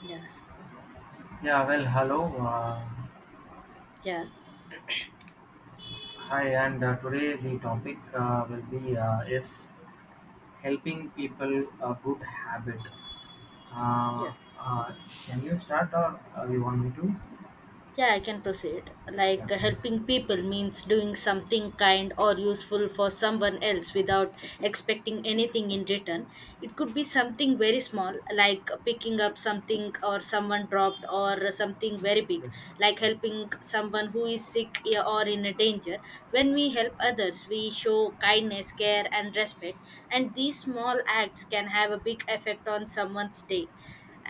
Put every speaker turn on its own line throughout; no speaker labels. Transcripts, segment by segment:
Yeah,
Yeah, well, hello, uh,
yeah,
hi, and today the topic will be is helping people a good habit.
yeah.
Uh, uh, can you start or you want me to?
Yeah, I can proceed.
Yeah,
Helping
please.
people means doing something kind or useful for someone else without expecting anything in return. It could be something very small, like picking up something or someone dropped, or something very big,
Yes,
like
yes,
helping someone who is sick, yeah, or in a danger. When we help others, we show kindness, care, and respect, and these small acts can have a big effect on someone's day.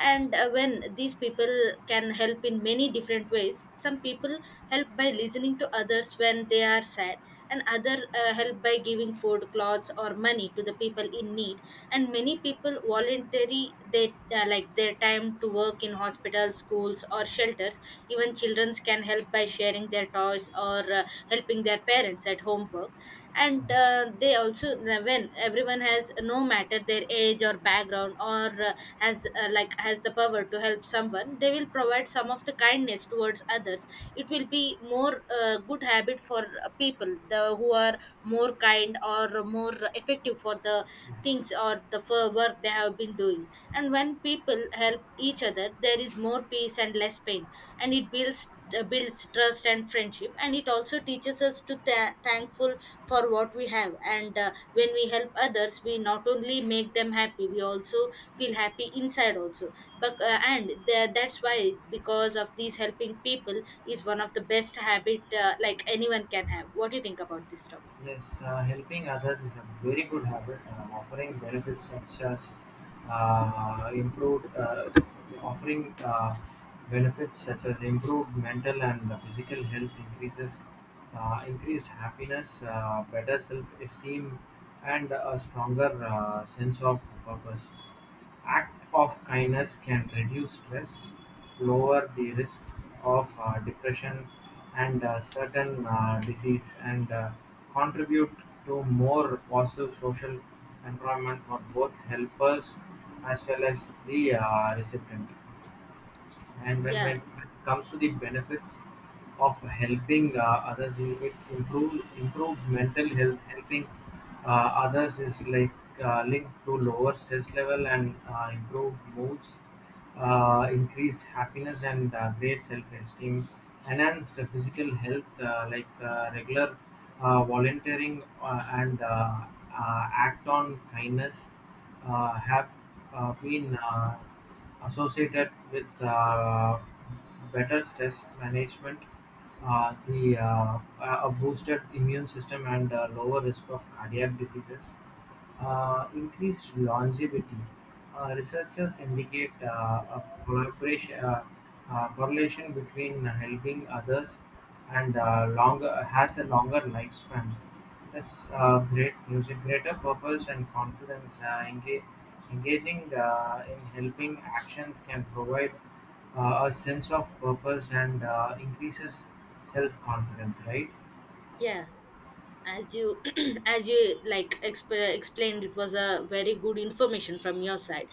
And When these people can help in many different ways, some people help by listening to others when they are sad, and other help by giving food, clothes, or money to the people in need. And many people voluntary, they like their time to work in hospitals, schools, or shelters. Even children can help by sharing their toys or helping their parents at home homework. And They also, when everyone has, no matter their age or background or has, like has the power to help someone, they will provide some of the kindness towards others. It will be more good habit for people the who are more kind or more effective for the
yes.
things or the for work they have been doing. And when people help each other, there is more peace and less pain. And it builds, builds trust and friendship, and it also teaches us to thankful for what we have. And when we help others, we not only make them happy, we also feel happy inside also. But that's why, because of these, helping people is one of the best habit like anyone can have. What do you think about this topic?
Yes, helping others is a very good habit, offering benefits such as improved, offering benefits such as improved mental and physical health increases, increased happiness, better self-esteem, and a stronger sense of purpose. Act of kindness can reduce stress, lower the risk of depression and certain disease, and contribute to more positive social environment for both helpers as well as the recipient. And when
Yeah,
when it comes to the benefits of helping others in it improve mental health, helping others is like linked to lower stress level and improved moods, increased happiness and great self-esteem, enhanced physical health regular volunteering and act on kindness have been associated with better stress management, the a boosted immune system and lower risk of cardiac diseases, increased longevity. Researchers indicate correlation between helping others and longer has a longer lifespan. That's great music, greater purpose and confidence. Enga- Engaging in helping actions can provide a sense of purpose and increases self confidence, right?
yeah. as you as you like explained, it was a very good information from your side.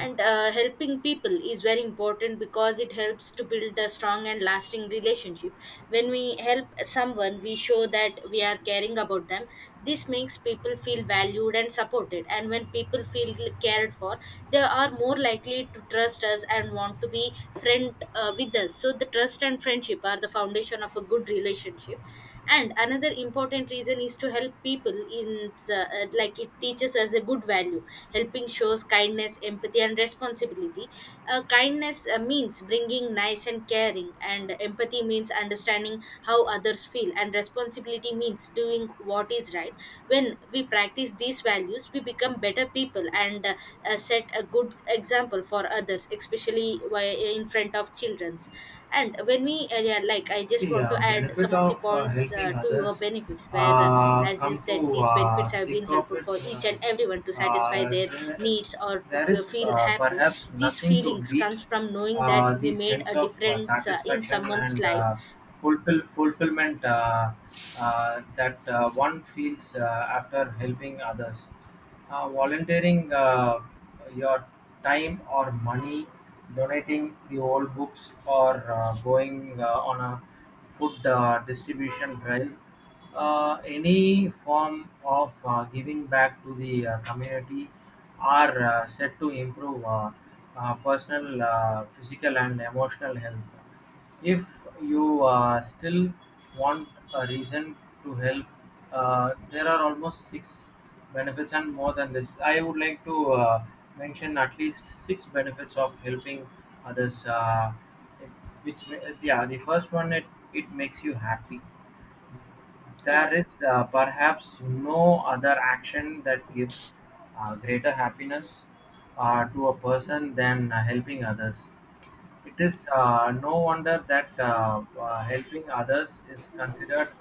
And Helping people is very important because it helps to build a strong and lasting relationship. When we help someone, we show that we are caring about them. This makes people feel valued and supported. And when people feel cared for, they are more likely to trust us and want to be friend with us. So the trust and friendship are the foundation of a good relationship. And another important reason is to help people in, like it teaches us a good value. Helping shows kindness, empathy, and responsibility. Kindness means bringing nice and caring, and empathy means understanding how others feel, and responsibility means doing what is right. When we practice these values, we become better people, and set a good example for others, especially in front of childrens. And when we yeah, like I just
See,
want to add some
benefit
of the
of
points
helping
to your
others.
benefits where, as you
Come
said,
to
these benefits have been
think of
helpful
it,
for each and everyone to
uh,
satisfy
uh,
their
there,
needs or to
there is
feel happy.
perhaps
These
nothing to
feelings
beat
comes from knowing that we
the
made
sense
a
of
difference in
satisfaction
someone's
and
life.
fulfillment that one feels after helping others, volunteering your time or money, donating the old books, or going on a food distribution drive. Any form of giving back to the community are said to improve personal, physical, and emotional health. If you still want a reason to help, there are almost six benefits and more than this. I would like to mention at least six benefits of helping others. It- the first one, it makes you happy.
Yeah.
There is perhaps no other action that gives greater happiness to a person than helping others. It is no wonder that helping others is considered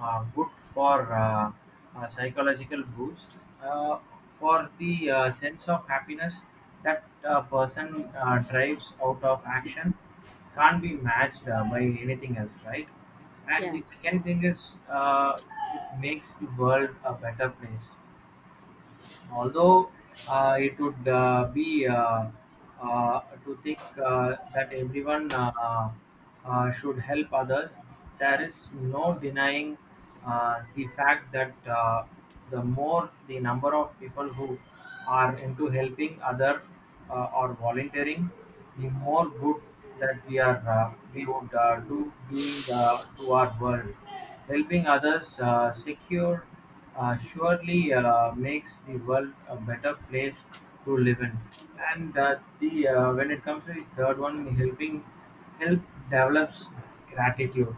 good for a psychological boost, uh, for the sense of happiness that a person drives out of action can't be matched by anything else, right? And
Yeah,
the second thing is, it makes the world a better place. Although it would be to think that everyone should help others, there is no denying the fact that the more the number of people who are into helping other or volunteering, the more good that we would do being to our world. Helping others secure surely makes the world a better place to live in. And the when it comes to the third one, helping help develops gratitude.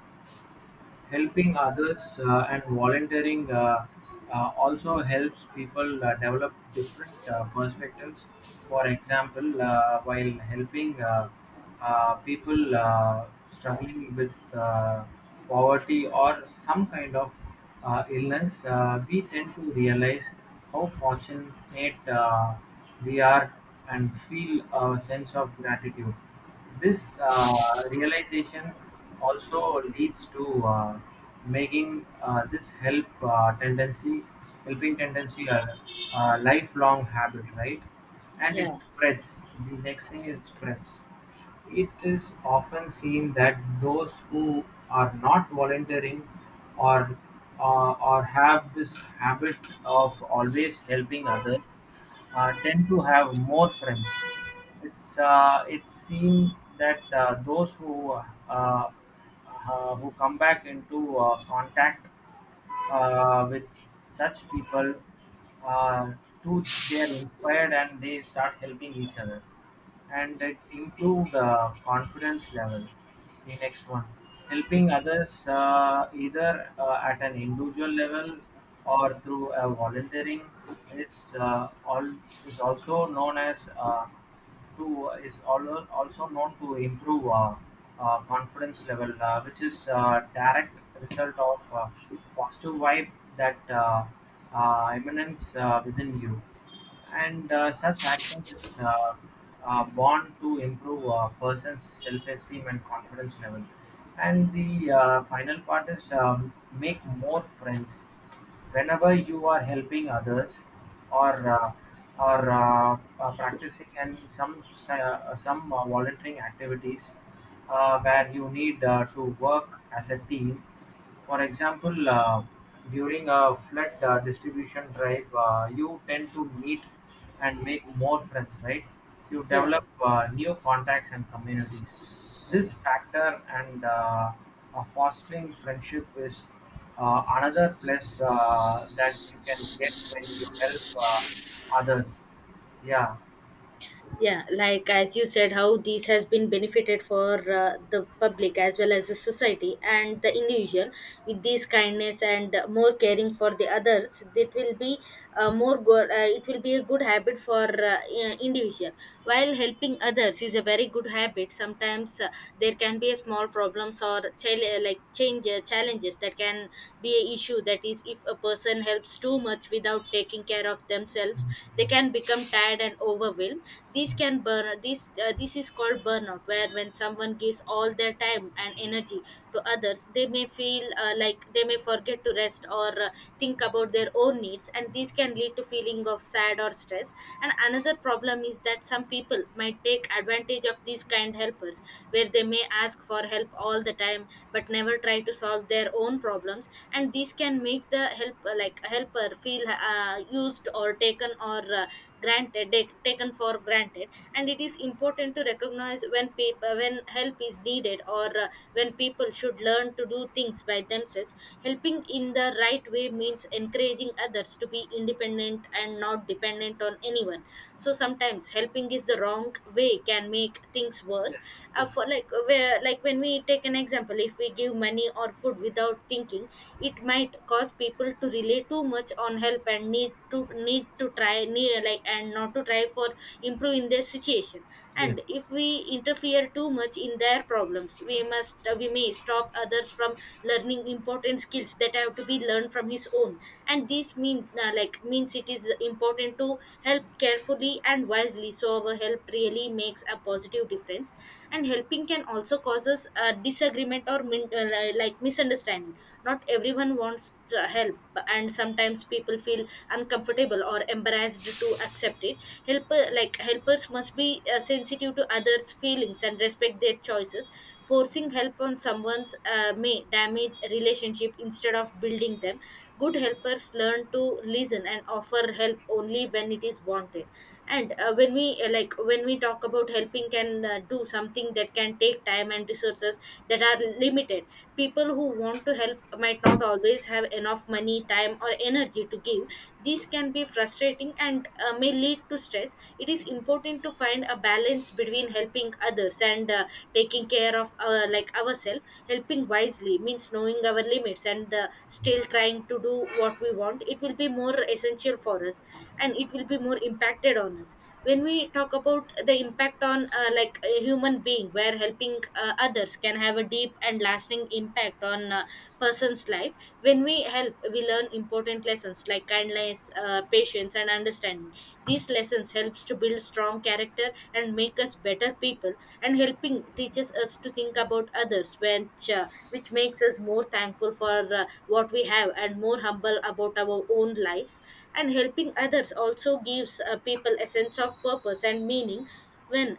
Helping others and volunteering also helps people develop different perspectives. For example, while helping people struggling with poverty or some kind of illness, we tend to realize how fortunate we are and feel a sense of gratitude. This realization also leads to making helping tendency a lifelong habit, right? And it
yeah,
spreads. The next thing is spreads. It is often seen that those who are not volunteering or or have this habit of always helping others tend to have more friends. It's it seemed that those who come back into contact with such people, uh, too, they are inspired and they start helping each other, and it improved confidence level. The next one, helping others either at an individual level or through volunteering is uh, all is also known as also known to improve confidence level, which is direct result of positive vibe that emanates within you, and such actions is born to improve a person's self-esteem and confidence level. And the final part is make more friends. Whenever you are helping others or uh, or practicing some volunteering activities where you need to work as a team, for example, during a flood distribution drive, you tend to meet and make more friends, right? You
yeah,
develop new contacts and communities. This factor and fostering friendship is another place that you can get when you help others. Yeah.
yeah, like as you said, how this has been benefited for the public as well as the society and the individual. With this kindness and more caring for the others, that will be more good, it will be a good habit for individual. While helping others is a very good habit, sometimes there can be a small problems or like change challenges that can be a issue. That is, if a person helps too much without taking care of themselves, they can become tired and overwhelmed. This can burn this, this is called burnout, where when someone gives all their time and energy to others, they may feel, like they may forget to rest or think about their own needs, and this can lead to feeling of sad or stress. And another problem is that some people might take advantage of these kind helpers, where they may ask for help all the time but never try to solve their own problems. And this can make the help like helper feel used or taken or granted, taken for granted. And it is important to recognize when people when help is needed or when people should learn to do things by themselves. Helping in the right way means encouraging others to be independent and not dependent on anyone. So sometimes helping is the wrong way can make things worse.
Yes. Yes.
For like, where like, when we take an example, if we give money or food without thinking, it might cause people to rely too much on help and need to need to try need, like and not to try for improving their situation.
Yes.
And if we interfere too much in their problems, we may stop others from learning important skills that have to be learned from his own. And this mean, like means it is important to help carefully and wisely so our help really makes a positive difference. And helping can also causes a disagreement or like misunderstanding. Not everyone wants help, and sometimes people feel uncomfortable or embarrassed to accept it. Helper like helpers must be sensitive to others feelings and respect their choices. Forcing help on someone's may damage relationship instead of building them. Good helpers learn to listen and offer help only when it is wanted. And when we like when we talk about helping can do something that can take time and resources that are limited. People who want to help might not always have enough money, time, or energy to give. This can be frustrating, and may lead to stress. It is important to find a balance between helping others and taking care of like ourselves. Helping wisely means knowing our limits, and still trying to do what we want. It will be more essential for us, and it will be more impacted on us. When we talk about the impact on, like a human being, where helping others can have a deep and lasting impact on a person's life. When we help, we learn important lessons values like kindness, patience, and understanding. These lessons helps to build strong character and make us better people. And helping teaches us to think about others, which makes us more thankful for what we have and more humble about our own lives. And helping others also gives people a sense of purpose and meaning. When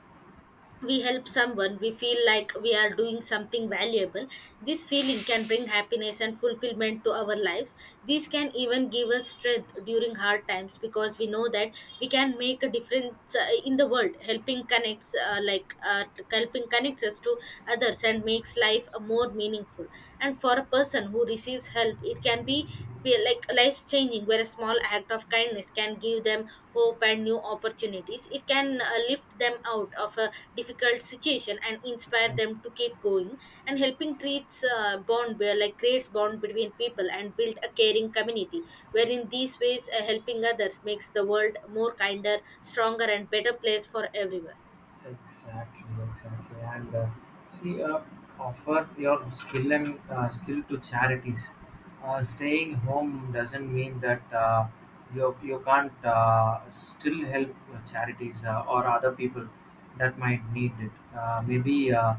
we help someone, we feel like we are doing something valuable. This feeling can bring happiness and fulfillment to our lives. This can even give us strength during hard times, because we know that we can make a difference in the world. Helping connects us to others and makes life more meaningful. And for a person who receives help, it can be like life changing, where a small act of kindness can give them hope and new opportunities. It can lift them out of a difficult situation and inspire them
Exactly.
to keep going. And helping treats bond where like creates bond between people and build a caring community, where in these ways helping others makes the world more kinder, stronger, and better place for everyone.
Exactly, exactly. And see, offer your skill and skill to charities. Staying home doesn't mean that you you can't still help charities or other people that might need it. Uh, maybe uh,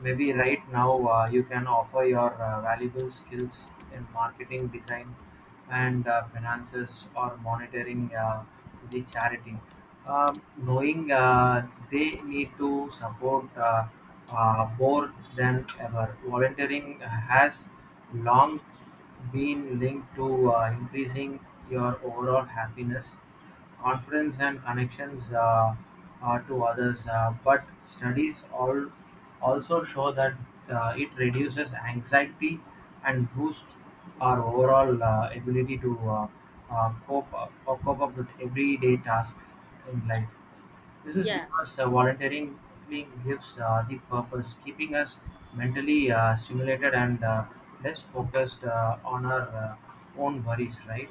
Maybe right now you can offer your valuable skills in marketing design and finances or monitoring the charity. Knowing they need to support more than ever, volunteering has long been linked to increasing your overall happiness, confidence and connections to others. But studies all also show that it reduces anxiety and boosts our overall ability to cope up with everyday tasks in life. This is
Yeah,
because volunteering gives the purpose, keeping us mentally stimulated and less focused on our own worries, right?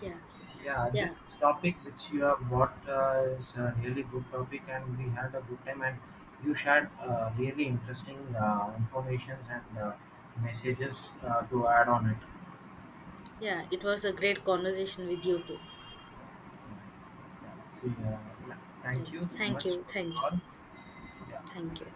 yeah,
Yeah, this
yeah,
topic which you have brought is a really good topic, and we had a good time. And you shared really interesting informations and messages to add on it.
yeah, it was a great conversation with you too.
Yeah, see, yeah.
Yeah,
Thank you so
thank
much
you,
for the
thank you,
call. Yeah,
thank you.